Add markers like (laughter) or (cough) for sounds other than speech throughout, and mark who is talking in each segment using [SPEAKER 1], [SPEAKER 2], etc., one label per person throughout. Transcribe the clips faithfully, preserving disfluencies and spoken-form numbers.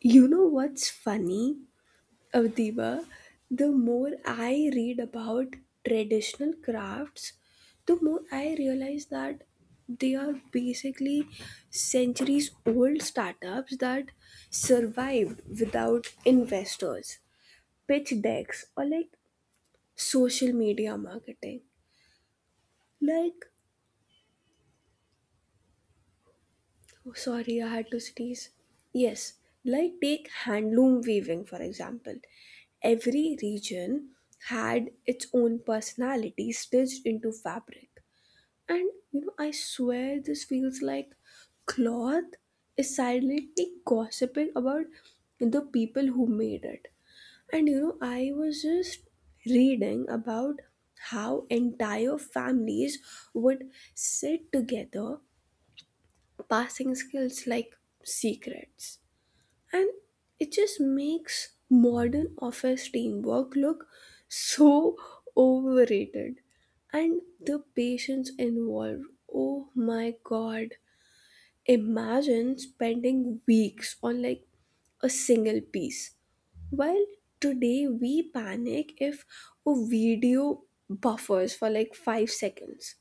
[SPEAKER 1] You know what's funny, Avdiba? The more I read about traditional crafts, the more I realize that they are basically centuries old startups that survived without investors, pitch decks, or like social media marketing. Like, Oh, sorry, I had to sneeze. Yes, like take handloom weaving for example. Every region had its own personality stitched into fabric. And you know, I swear this feels like cloth is silently gossiping about the people who made it. And you know, I was just reading about how entire families would sit together passing skills like secrets. And it just makes modern office teamwork look so overrated. And the patience involved, oh my god. Imagine spending weeks on like a single piece. While today we panic if a video buffers for like five seconds.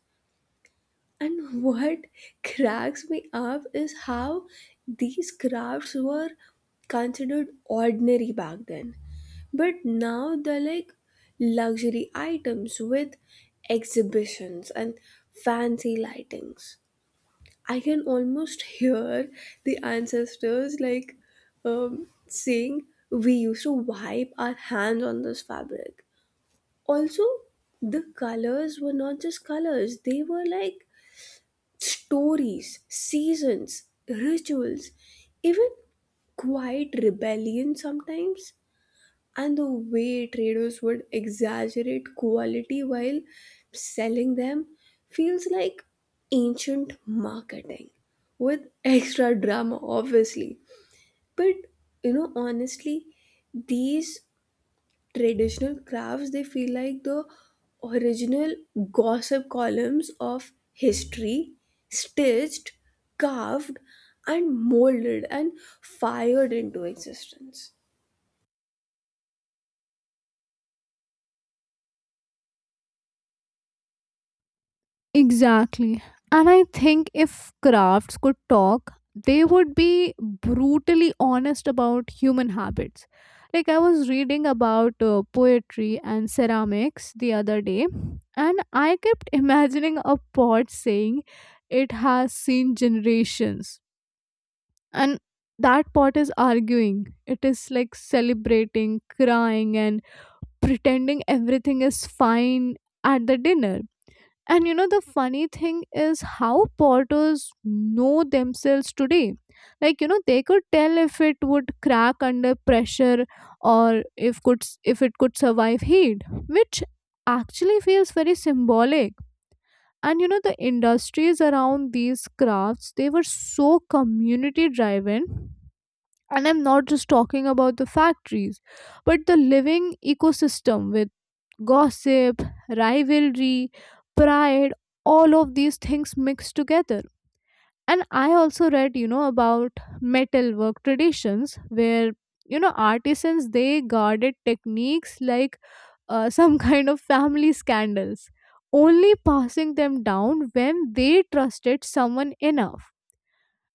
[SPEAKER 1] And what cracks me up is how these crafts were considered ordinary back then. But now they're like luxury items with exhibitions and fancy lightings. I can almost (laughs) hear the ancestors like um, saying, we used to wipe our hands on this fabric. Also, the colors were not just colors, they were like stories, seasons, rituals, even quiet rebellion sometimes, and the way traders would exaggerate quality while selling them feels like ancient marketing with extra drama, obviously. But you know, honestly, these traditional crafts they feel like the original gossip columns of history, stitched, carved, and molded, and fired into existence.
[SPEAKER 2] Exactly. And I think if crafts could talk, they would be brutally honest about human habits. Like, I was reading about uh, poetry and ceramics the other day, and I kept (laughs) imagining a pot saying it has seen generations. And that pot is arguing, it is like celebrating, crying, and pretending everything is fine at the dinner and you know, the funny thing is how porters know themselves today. Like, you know, they could tell if it would crack under pressure or if could if it could survive heat, which actually feels very symbolic. And you know, the industries around these crafts, they were so community driven. And I'm not just talking about the factories, but the living ecosystem with gossip, rivalry, pride, all of these things mixed together. And I also read, you know, about metalwork traditions where, you know, artisans they guarded techniques like uh, some (laughs) kind of family scandals, only passing them down when they trusted someone enough.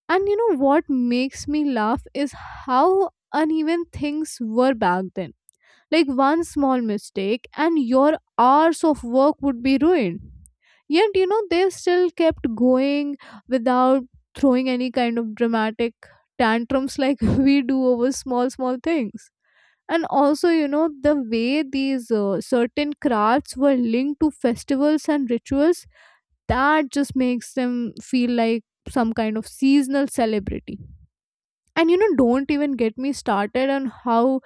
[SPEAKER 2] And you know what makes me laugh is how uneven things were back then like one small mistake, and your hours of work would be ruined. Yet, you know, they still kept going without throwing any kind of dramatic tantrums like (laughs) we do over small, small things. And also, you know, the way these uh, certain crafts were linked to festivals and rituals, that just makes them feel like some kind of seasonal celebrity. And you know, don't even get me started on how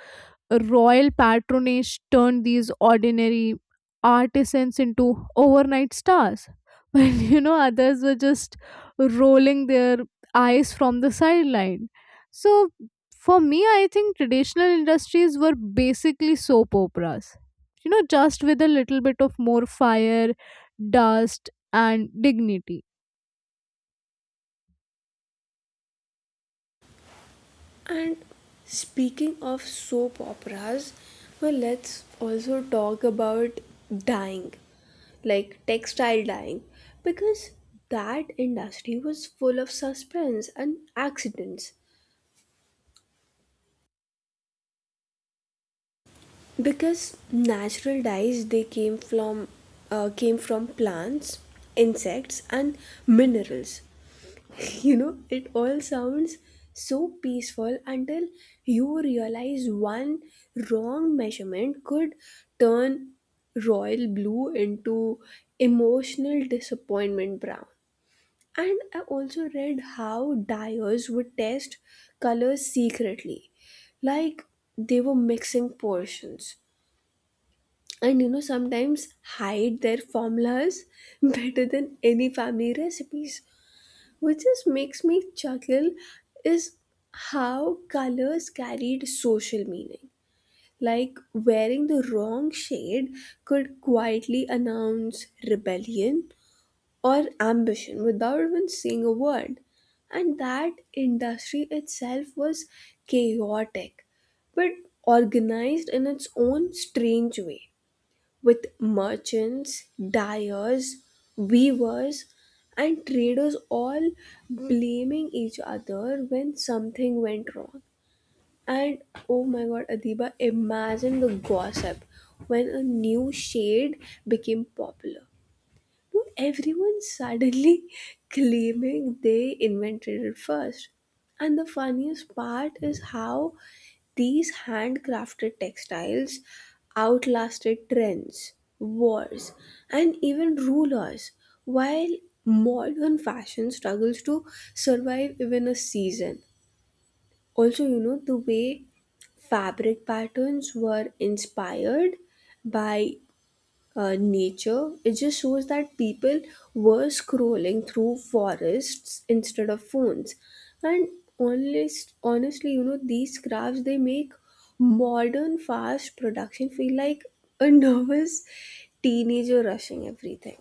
[SPEAKER 2] royal patronage turned these ordinary artisans into overnight stars. (laughs) While you know, others were just rolling their eyes from the sideline. So, for me, I think traditional industries were basically soap operas. You know, just with a little bit of more fire, dust, and dignity.
[SPEAKER 1] And speaking of soap operas, well let's also talk about dyeing, like textile dyeing, because that industry was full of suspense and accidents, because natural dyes they came from uh, came from plants, insects, and minerals. (laughs) You know, it all sounds so peaceful until you realize one wrong measurement could turn royal blue into emotional disappointment brown. And I also read how dyers would test colors secretly, like they were mixing portions, and you know sometimes hide their formulas (laughs) better than any family recipes, which just makes me chuckle, is how colors carried social meaning, like wearing the wrong shade could quietly announce rebellion or ambition without even saying a word. And that industry itself was chaotic but organized in its own strange way, with merchants, dyers, weavers, and traders all blaming each other when something went wrong. And oh my god, Adiba, imagine the gossip when a new shade became popular, everyone suddenly (laughs) claiming they invented it first. And the funniest part is how these handcrafted textiles outlasted trends, wars, and even rulers, while modern fashion struggles to survive even a season. Also, you know, the way fabric patterns were inspired by uh, nature. It just shows that people were scrolling through forests instead of phones. And honest, honestly, you know, these crafts they make modern fast production feel like a (laughs) nervous teenager rushing everything.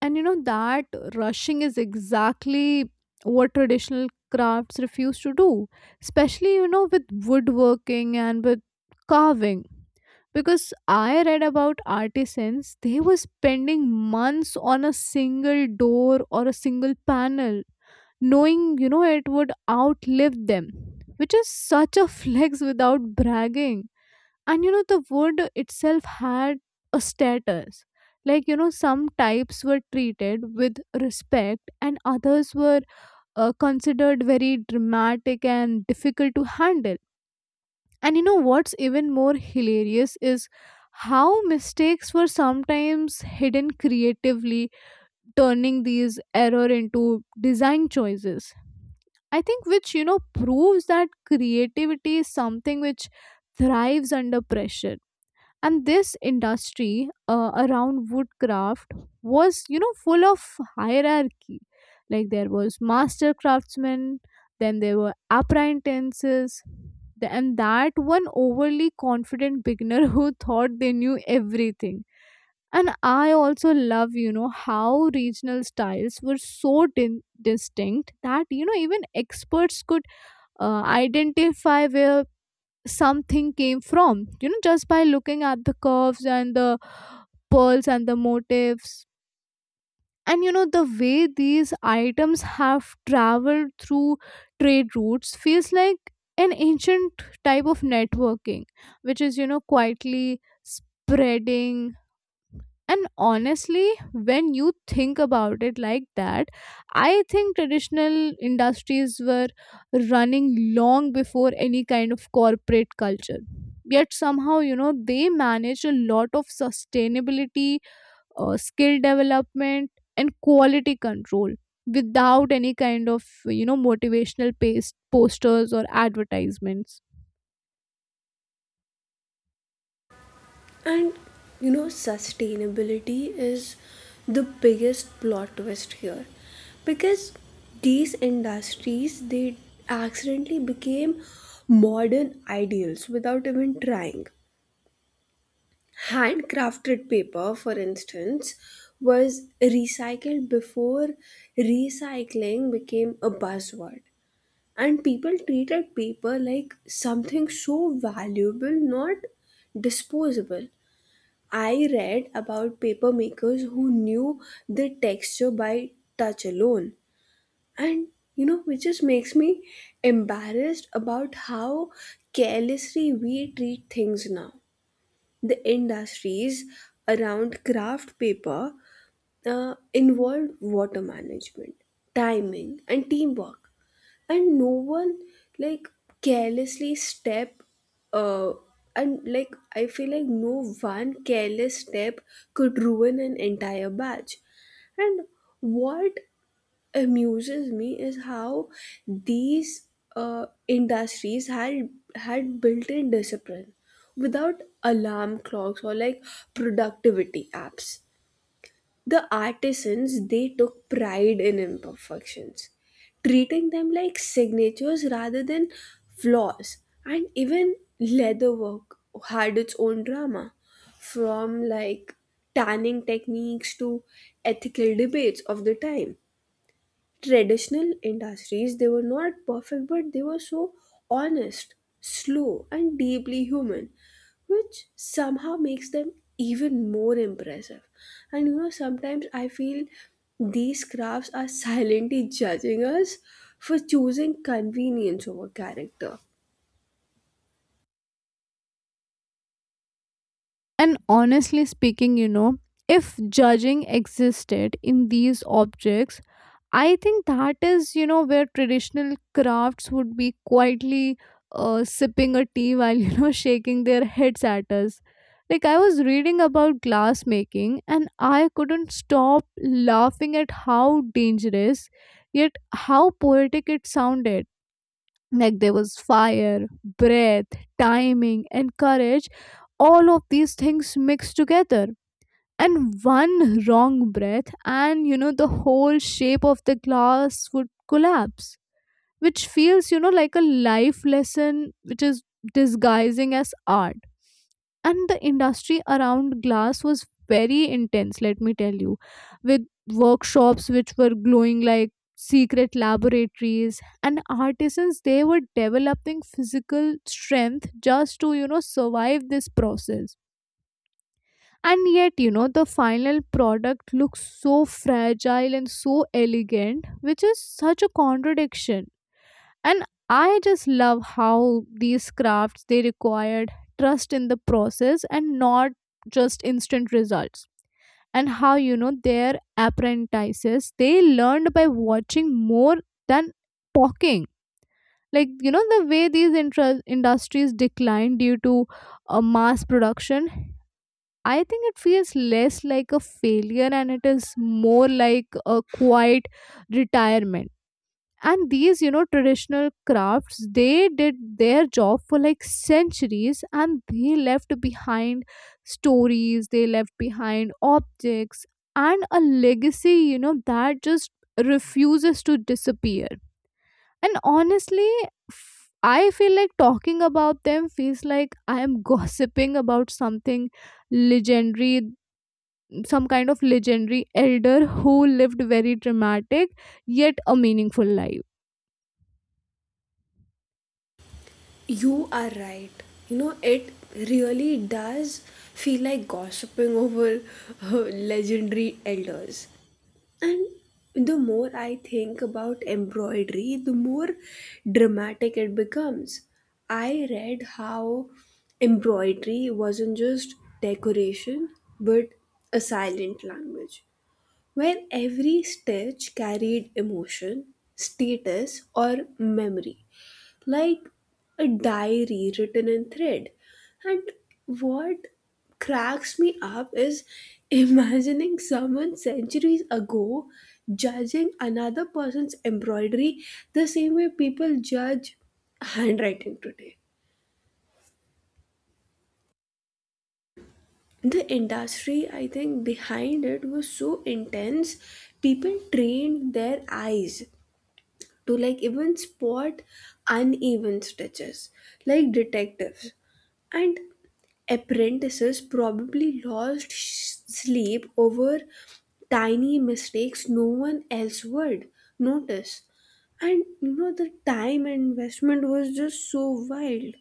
[SPEAKER 2] And you know, that rushing is exactly what traditional crafts refuse to do, especially, you know, with woodworking and with carving. Because I read about artisans, they were spending months on a single door or a single panel, knowing, you know, it would outlive them, which is such a (laughs) flex without bragging. And you know, the wood itself had a status, like you know, some types were treated with respect and others were uh, considered very dramatic and difficult to handle. And you know what's even more hilarious is how mistakes were sometimes hidden creatively, turning these error into design choices, I think, which, you know, proves that creativity is something which thrives under pressure. And this industry uh, around woodcraft was, you know, full of hierarchy. Like there was master craftsmen, then there were apprentices, th- and that one overly confident beginner (laughs) who thought they knew everything. And I also love, you know, how regional styles were so din- distinct that, you know, even experts could uh, identify where something came from, you know, just by looking at the curves and the pearls and the motifs. And you know, the way these items have traveled through trade routes feels like an ancient type of networking, which is, you know, quietly spreading. And honestly, when you think about it like that, I think traditional industries were running long before any kind of corporate culture. Yet somehow, you know, they manage a lot of sustainability, uh, skill development, and quality control without any kind of, you know, motivational paste, posters or advertisements.
[SPEAKER 1] And you know, sustainability is the biggest plot twist here, because these industries they accidentally became modern ideals without even trying. Handcrafted paper, for instance, was recycled before recycling became a buzzword. And people treated paper like something so valuable, not disposable. I read about paper makers who knew the texture by touch alone. And you know, which just makes me embarrassed about how carelessly we treat things now. The industries around craft paper uh, involved water management, timing, and teamwork, and no one like carelessly step uh and like I feel like no one careless step could ruin an entire batch. And what amuses me is how these uh, industries had had built in discipline without alarm clocks or like productivity apps. The artisans, they took pride in imperfections, treating them like signatures rather than flaws. And even leatherwork had its own drama, from like tanning techniques to ethical debates of the time. Traditional industries they were not perfect, but they were so honest, slow, and deeply human, which somehow makes them even more impressive. And you know sometimes I feel these crafts are silently judging us for choosing convenience over character.
[SPEAKER 2] And honestly speaking, you know, if judging existed in these objects, I think that is, you know, where traditional crafts would be quietly uh, sipping a tea while, you know, (laughs) shaking their heads at us. Like, I was reading about glass making and I couldn't stop laughing at how dangerous, yet how poetic it sounded. Like, there was fire, breath, timing, and courage, all of these things mixed together. And one wrong breath, and you know, the whole shape of the glass would collapse, which feels, you know, like a life lesson which is disguising as art. And the industry around glass was very intense, let me tell you, with workshops which were glowing like secret laboratories, and artisans, they were developing physical strength just to, you know, survive this process. And yet, you know, the final product looks so fragile and so elegant, which is such a contradiction. And I just love how these crafts they required trust in the process and not just instant results. And how, you know, their apprentices they learned by watching more than talking. Like, you know, the way these intra- industries declined due to uh, mass production, I think it feels less like a failure and it is more like a quiet retirement. And these, you know, traditional crafts, they did their job for like centuries and they left behind stories, they left behind objects and a legacy, you know, that just refuses to disappear. And honestly, f- I feel like talking about them feels like I am (laughs) gossiping about something legendary, some kind of legendary elder who lived very dramatic yet a meaningful life.
[SPEAKER 1] You are right, you know it really does feel like gossiping over uh, legendary elders. And the more I think about embroidery, the more dramatic it becomes. I read how embroidery wasn't just decoration, but a silent language, where every stitch carried emotion, status, or memory, like a diary written in thread. And what cracks me up is (laughs) imagining someone centuries ago judging another person's embroidery the same way people judge handwriting today. The industry, I think, behind it was so intense, people trained their eyes to like even spot uneven stitches like detectives. And apprentices probably lost sh- sleep over tiny mistakes no one else would notice. And you know, the time investment was just so wild.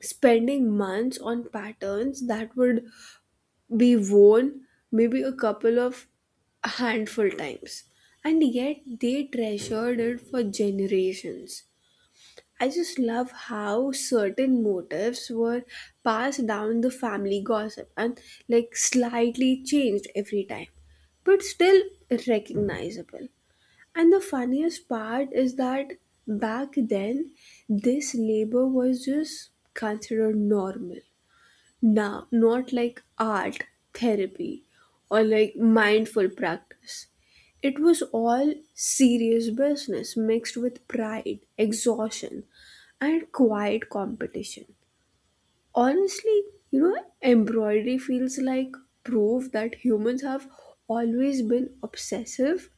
[SPEAKER 1] Spending months on patterns that would be worn maybe a couple of handful times. And yet they treasured it for generations. I just love how certain motives were passed down the family gossip and like slightly changed every time, but still recognizable. And the funniest part is that back then, this labor was just considered normal. Nah, not like art, therapy, or like mindful practice. It was all serious business mixed with pride, exhaustion, and quiet competition. Honestly, you know, embroidery feels like proof that humans have always been obsessive,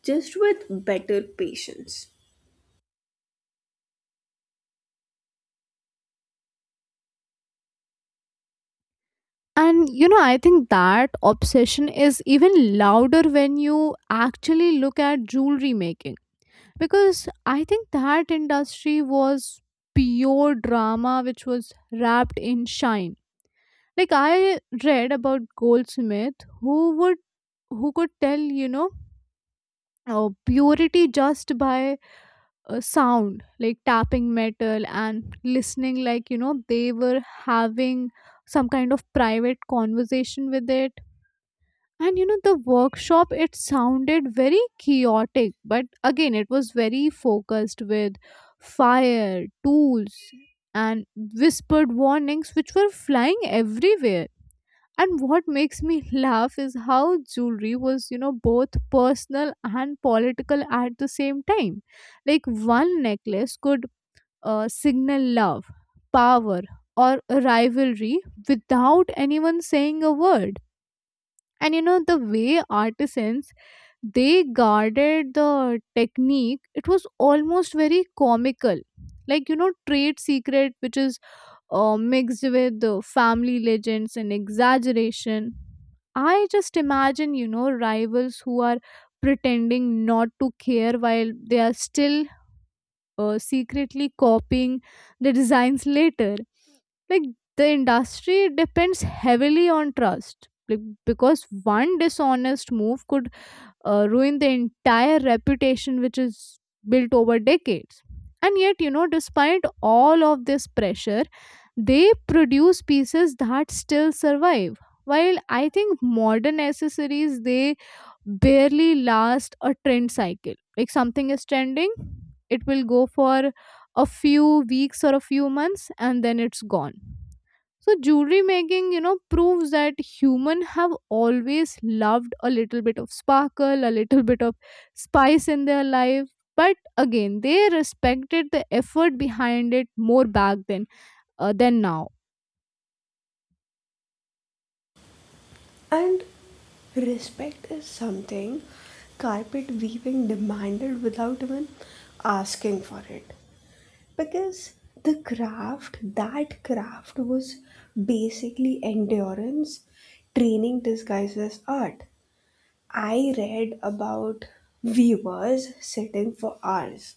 [SPEAKER 1] just with better patience.
[SPEAKER 2] And you know, I think that obsession is even louder when you actually look at jewelry making, because I think that industry was pure drama which was wrapped in shine. Like I read about goldsmith who would who could tell, you know, uh, purity just by uh, sound, like tapping metal and listening, like you know, they were having some kind of private conversation with it. And you know, the workshop it sounded very chaotic, but again it was very focused, with fire tools and whispered warnings which were flying everywhere. And what makes me (laughs) laugh is how jewelry was, you know, both personal and political at the same time. Like one necklace could uh, signal love, power, or rivalry without anyone saying a word. And you know, the way artisans they guarded the technique, it was almost very comical. Like, you know, trade secret, which is uh, mixed with the family legends and exaggeration. I just imagine, you know, rivals who are pretending not to care while they are still uh, secretly copying the designs later. Like the industry depends heavily on trust. Like, because one dishonest move could uh, ruin the entire reputation which is built over decades. And yet, you know, despite all of this pressure, they produce pieces that still survive. While I think modern accessories, they barely last a trend cycle. Like something is trending, it will go for a few weeks or a few months and then it's gone. So jewelry making, you know, proves that human have always loved a little bit of sparkle, a little bit of spice in their life. But again, they respected the effort behind it more back then uh, than now.
[SPEAKER 1] And respect is something carpet weaving demanded without even asking for it. Because the craft, that craft was basically endurance training disguised as art. I read about weavers sitting for hours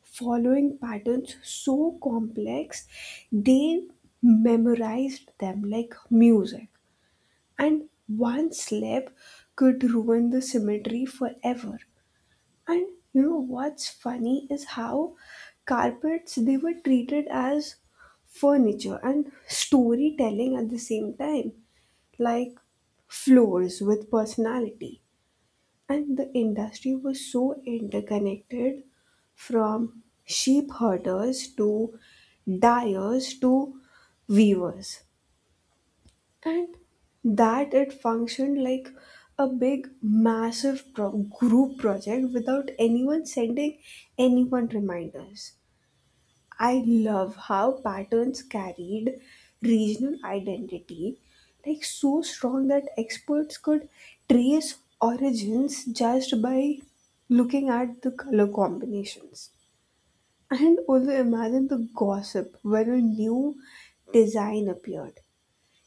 [SPEAKER 1] following patterns so complex they memorized them like music, and one slip could ruin the symmetry forever. And you know what's funny is how carpets they were treated as furniture and storytelling at the same time, like floors with personality. And the industry was so interconnected, from sheep herders to dyers to weavers, and that it functioned like a big massive pro- group project without anyone sending anyone reminders. I love how patterns carried regional identity, like so strong that experts could trace origins just by looking at the color combinations. And also imagine the gossip when a new design appeared.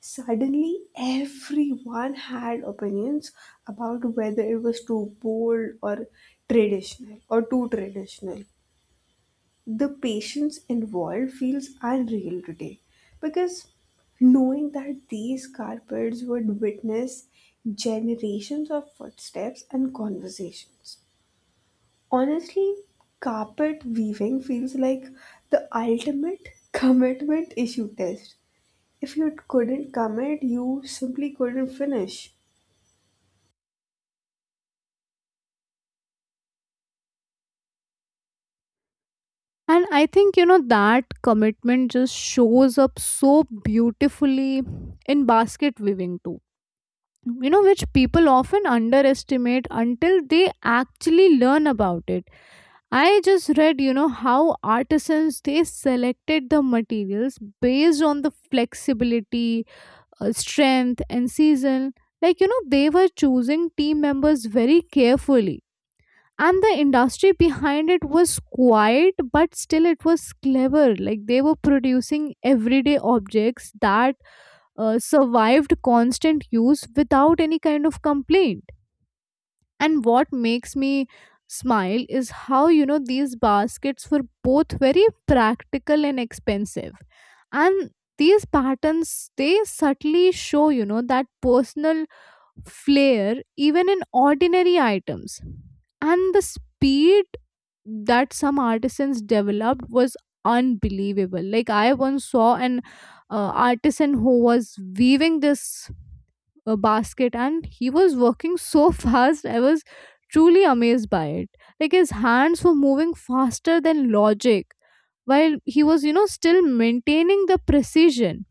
[SPEAKER 1] Suddenly, everyone had opinions about whether it was too bold or traditional or too traditional. The patience involved feels unreal today, because knowing that these carpets would witness generations of footsteps and conversations. Honestly, carpet weaving feels like the ultimate (laughs) commitment issue test. If you couldn't commit, you simply couldn't finish.
[SPEAKER 2] And I think, you know, that commitment just shows up so beautifully in basket weaving too. You know, which people often underestimate until they actually learn about it. I just read, you know, how artisans they selected the materials based on the flexibility, uh, strength, and season. Like, you know, they were choosing team members very carefully. And the industry behind it was quiet, but still it was clever. Like, they were producing everyday objects that uh, survived constant use without any kind of complaint. And what makes me smile is how, you know, these baskets were both very practical and expensive. And these patterns, they subtly show, you know, that personal flair even in ordinary items. And the speed that some artisans developed was unbelievable. Like I once saw an uh, artisan who was weaving this a basket, and he was working so (laughs) fast, I was truly amazed by it. Like his hands were moving faster than logic, while he was, you know, still maintaining the precision.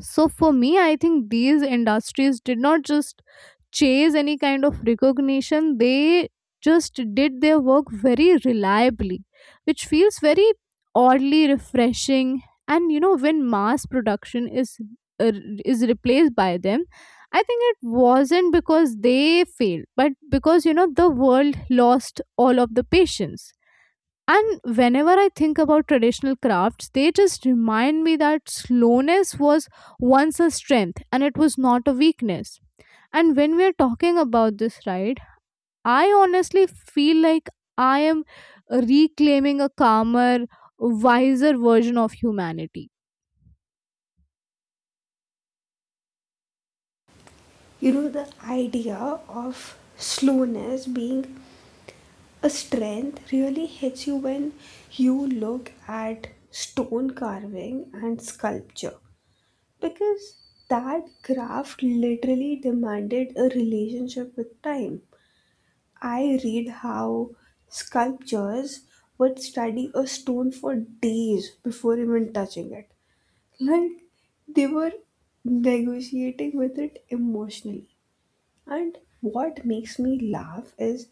[SPEAKER 2] So for me, I think these industries did not just chase any kind of recognition, they just did their work very reliably, which feels very oddly refreshing. And you know, when mass production is uh, is replaced by them, I think it wasn't because they failed, but because, you know, the world lost all of the patience. And whenever I think about traditional crafts, they just remind me that slowness was once a strength and it was not a weakness. And when we are talking about this, right? I honestly feel like I am reclaiming a calmer, wiser version of humanity.
[SPEAKER 1] You know, the idea of slowness being a strength really hits you when you look at stone carving and sculpture, because that craft literally demanded a relationship with time. I read how sculptures would study a stone for days before even touching it, like they were negotiating with it emotionally. And what makes me laugh is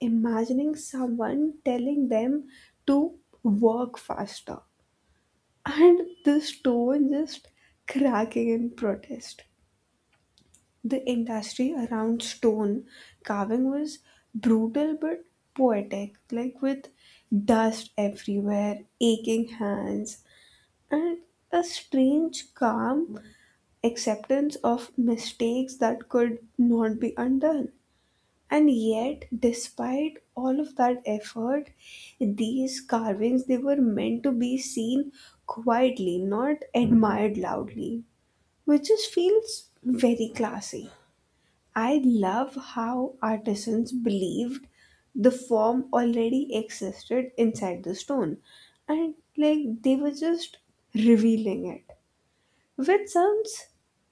[SPEAKER 1] imagining someone telling them to work faster, and the stone just cracking in protest. The industry around stone carving was brutal but poetic, like with dust everywhere, aching hands, and a strange calm acceptance of mistakes that could not be undone. And yet, despite all of that effort, these carvings they were meant to be seen quietly, not admired loudly, which just feels very classy. I love how artisans believed the form already existed inside the stone, and like they were just revealing it. Which sounds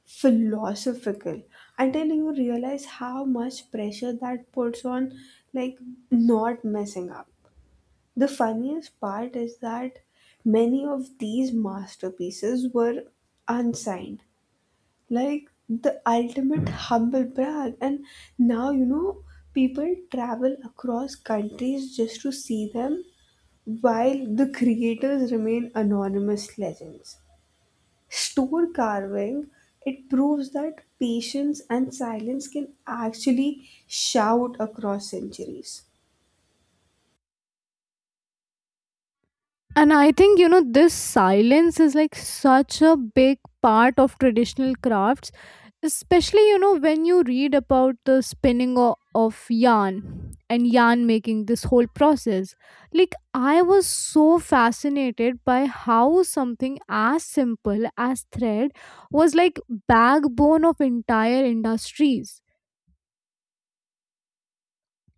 [SPEAKER 1] philosophical until you realize how much pressure that puts on, like, not messing up. The funniest part is that many of these masterpieces were unsigned, like the ultimate humble brag. And now, you know, people travel across countries just to see them while the creators remain anonymous legends. Stone carving, it proves that patience and silence can actually shout across centuries.
[SPEAKER 2] And I think, you know, this silence is like such a big part of traditional crafts, especially, you know, when you read about the spinning o- of yarn and yarn making this whole process. Like, I was so fascinated by how something as simple as thread was like backbone of entire industries.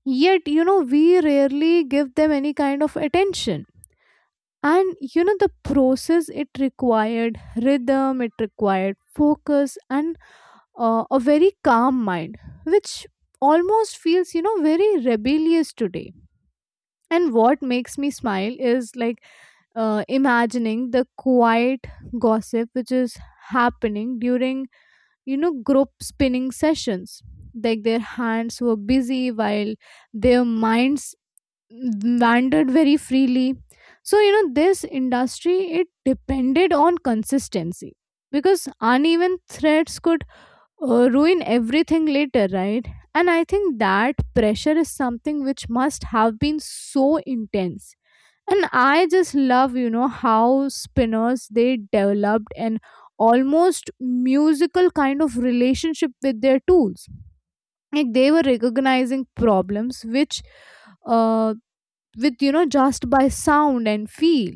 [SPEAKER 2] Yet, you know, we rarely give them any kind of attention. And you know, the process it required rhythm, it required focus and uh, a very calm mind, which almost feels, you know, very rebellious today. And what makes me smile is like uh, imagining the quiet gossip which is happening during, you know, group spinning sessions, like their hands were busy while their minds landed very freely. So you know, this industry it depended on consistency, because uneven threats could uh, ruin everything later, right? And I think that pressure is something which must have been so intense. And I just love, you know, how spinners they developed an almost musical kind of relationship with their tools. Like they were recognizing problems which uh, with you know, just by sound and feel.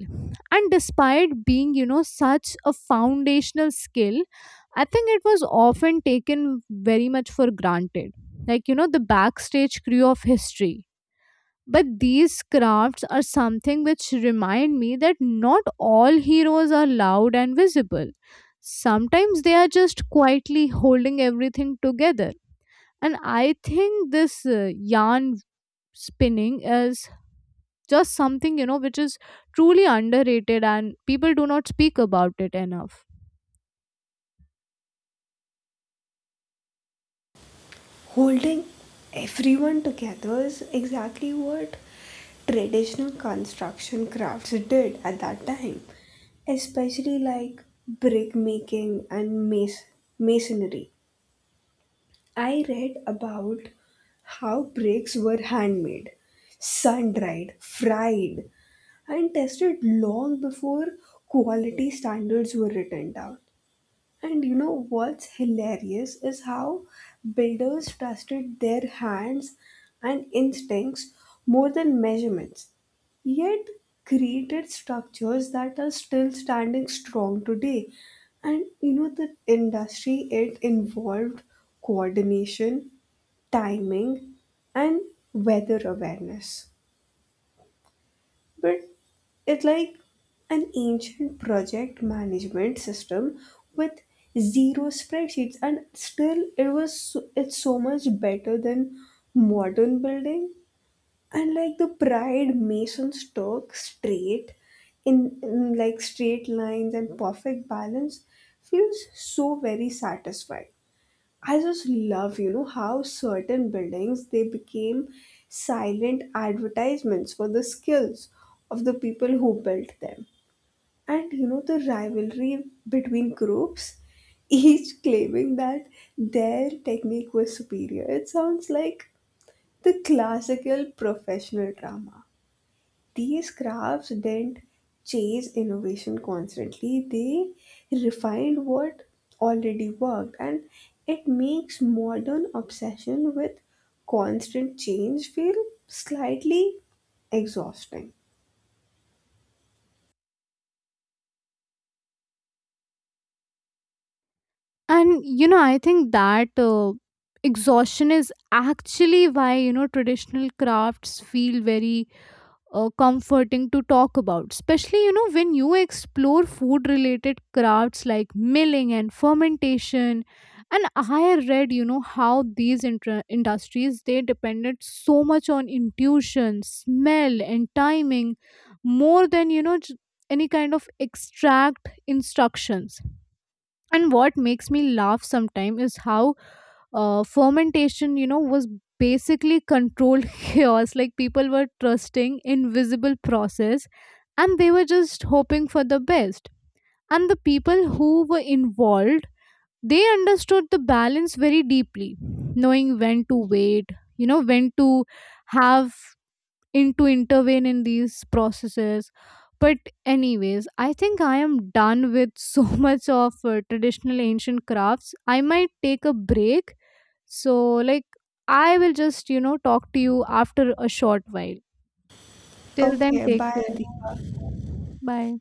[SPEAKER 2] And despite being, you know, such a foundational skill, I think it was often taken very much for granted, like you know, the backstage crew of history. But these crafts are something which remind me that not all heroes are loud and visible, sometimes they are just quietly holding everything together. And I think this uh, yarn spinning is just something, you know, which is truly underrated and people do not speak about it enough.
[SPEAKER 1] Holding everyone together is exactly what traditional construction crafts did at that time, especially like brick making and mas- masonry. I read about how bricks were handmade, sun dried, fried, and tested long before quality standards were written down. And you know what's hilarious is how builders trusted their hands and instincts more than measurements, yet created structures that are still standing strong today. And you know, the industry it involved coordination, timing, and weather awareness. But it's like an ancient project management system with zero spreadsheets, and still it was so, it's so much better than modern building. And like the pride masons took straight in, in like straight lines and perfect balance feels so very satisfying. I just love, you know, how certain buildings they became silent advertisements for the skills of the people who built them. And you know the rivalry between groups (laughs) each claiming that their technique was superior, it sounds like the classical professional drama. These crafts didn't chase innovation constantly, they refined what already worked, and it makes modern obsession with constant change feel slightly exhausting.
[SPEAKER 2] And you know, I think that uh, exhaustion is actually why, you know, traditional crafts feel very uh, comforting to talk about, especially, you know, when you explore food related crafts like milling and fermentation. And I read, you know, how these intra- industries they depended so much on intuition, smell and timing more than, you know, j- any kind of extract instructions. And what makes me laugh sometimes is how uh, fermentation, you know, was basically controlled (laughs) chaos. Like people were trusting invisible process and they were just hoping for the best. And the people who were involved, they understood the balance very deeply, knowing when to wait, you know, when to have in to intervene in these processes. But anyways, I think I am done with so (laughs) much of uh, traditional ancient crafts. I might take a break, so, like, I will just, you know, talk to you after a short while. Till then,
[SPEAKER 1] Okay,
[SPEAKER 2] take
[SPEAKER 1] bye
[SPEAKER 2] care.
[SPEAKER 1] Deepa.
[SPEAKER 2] Bye.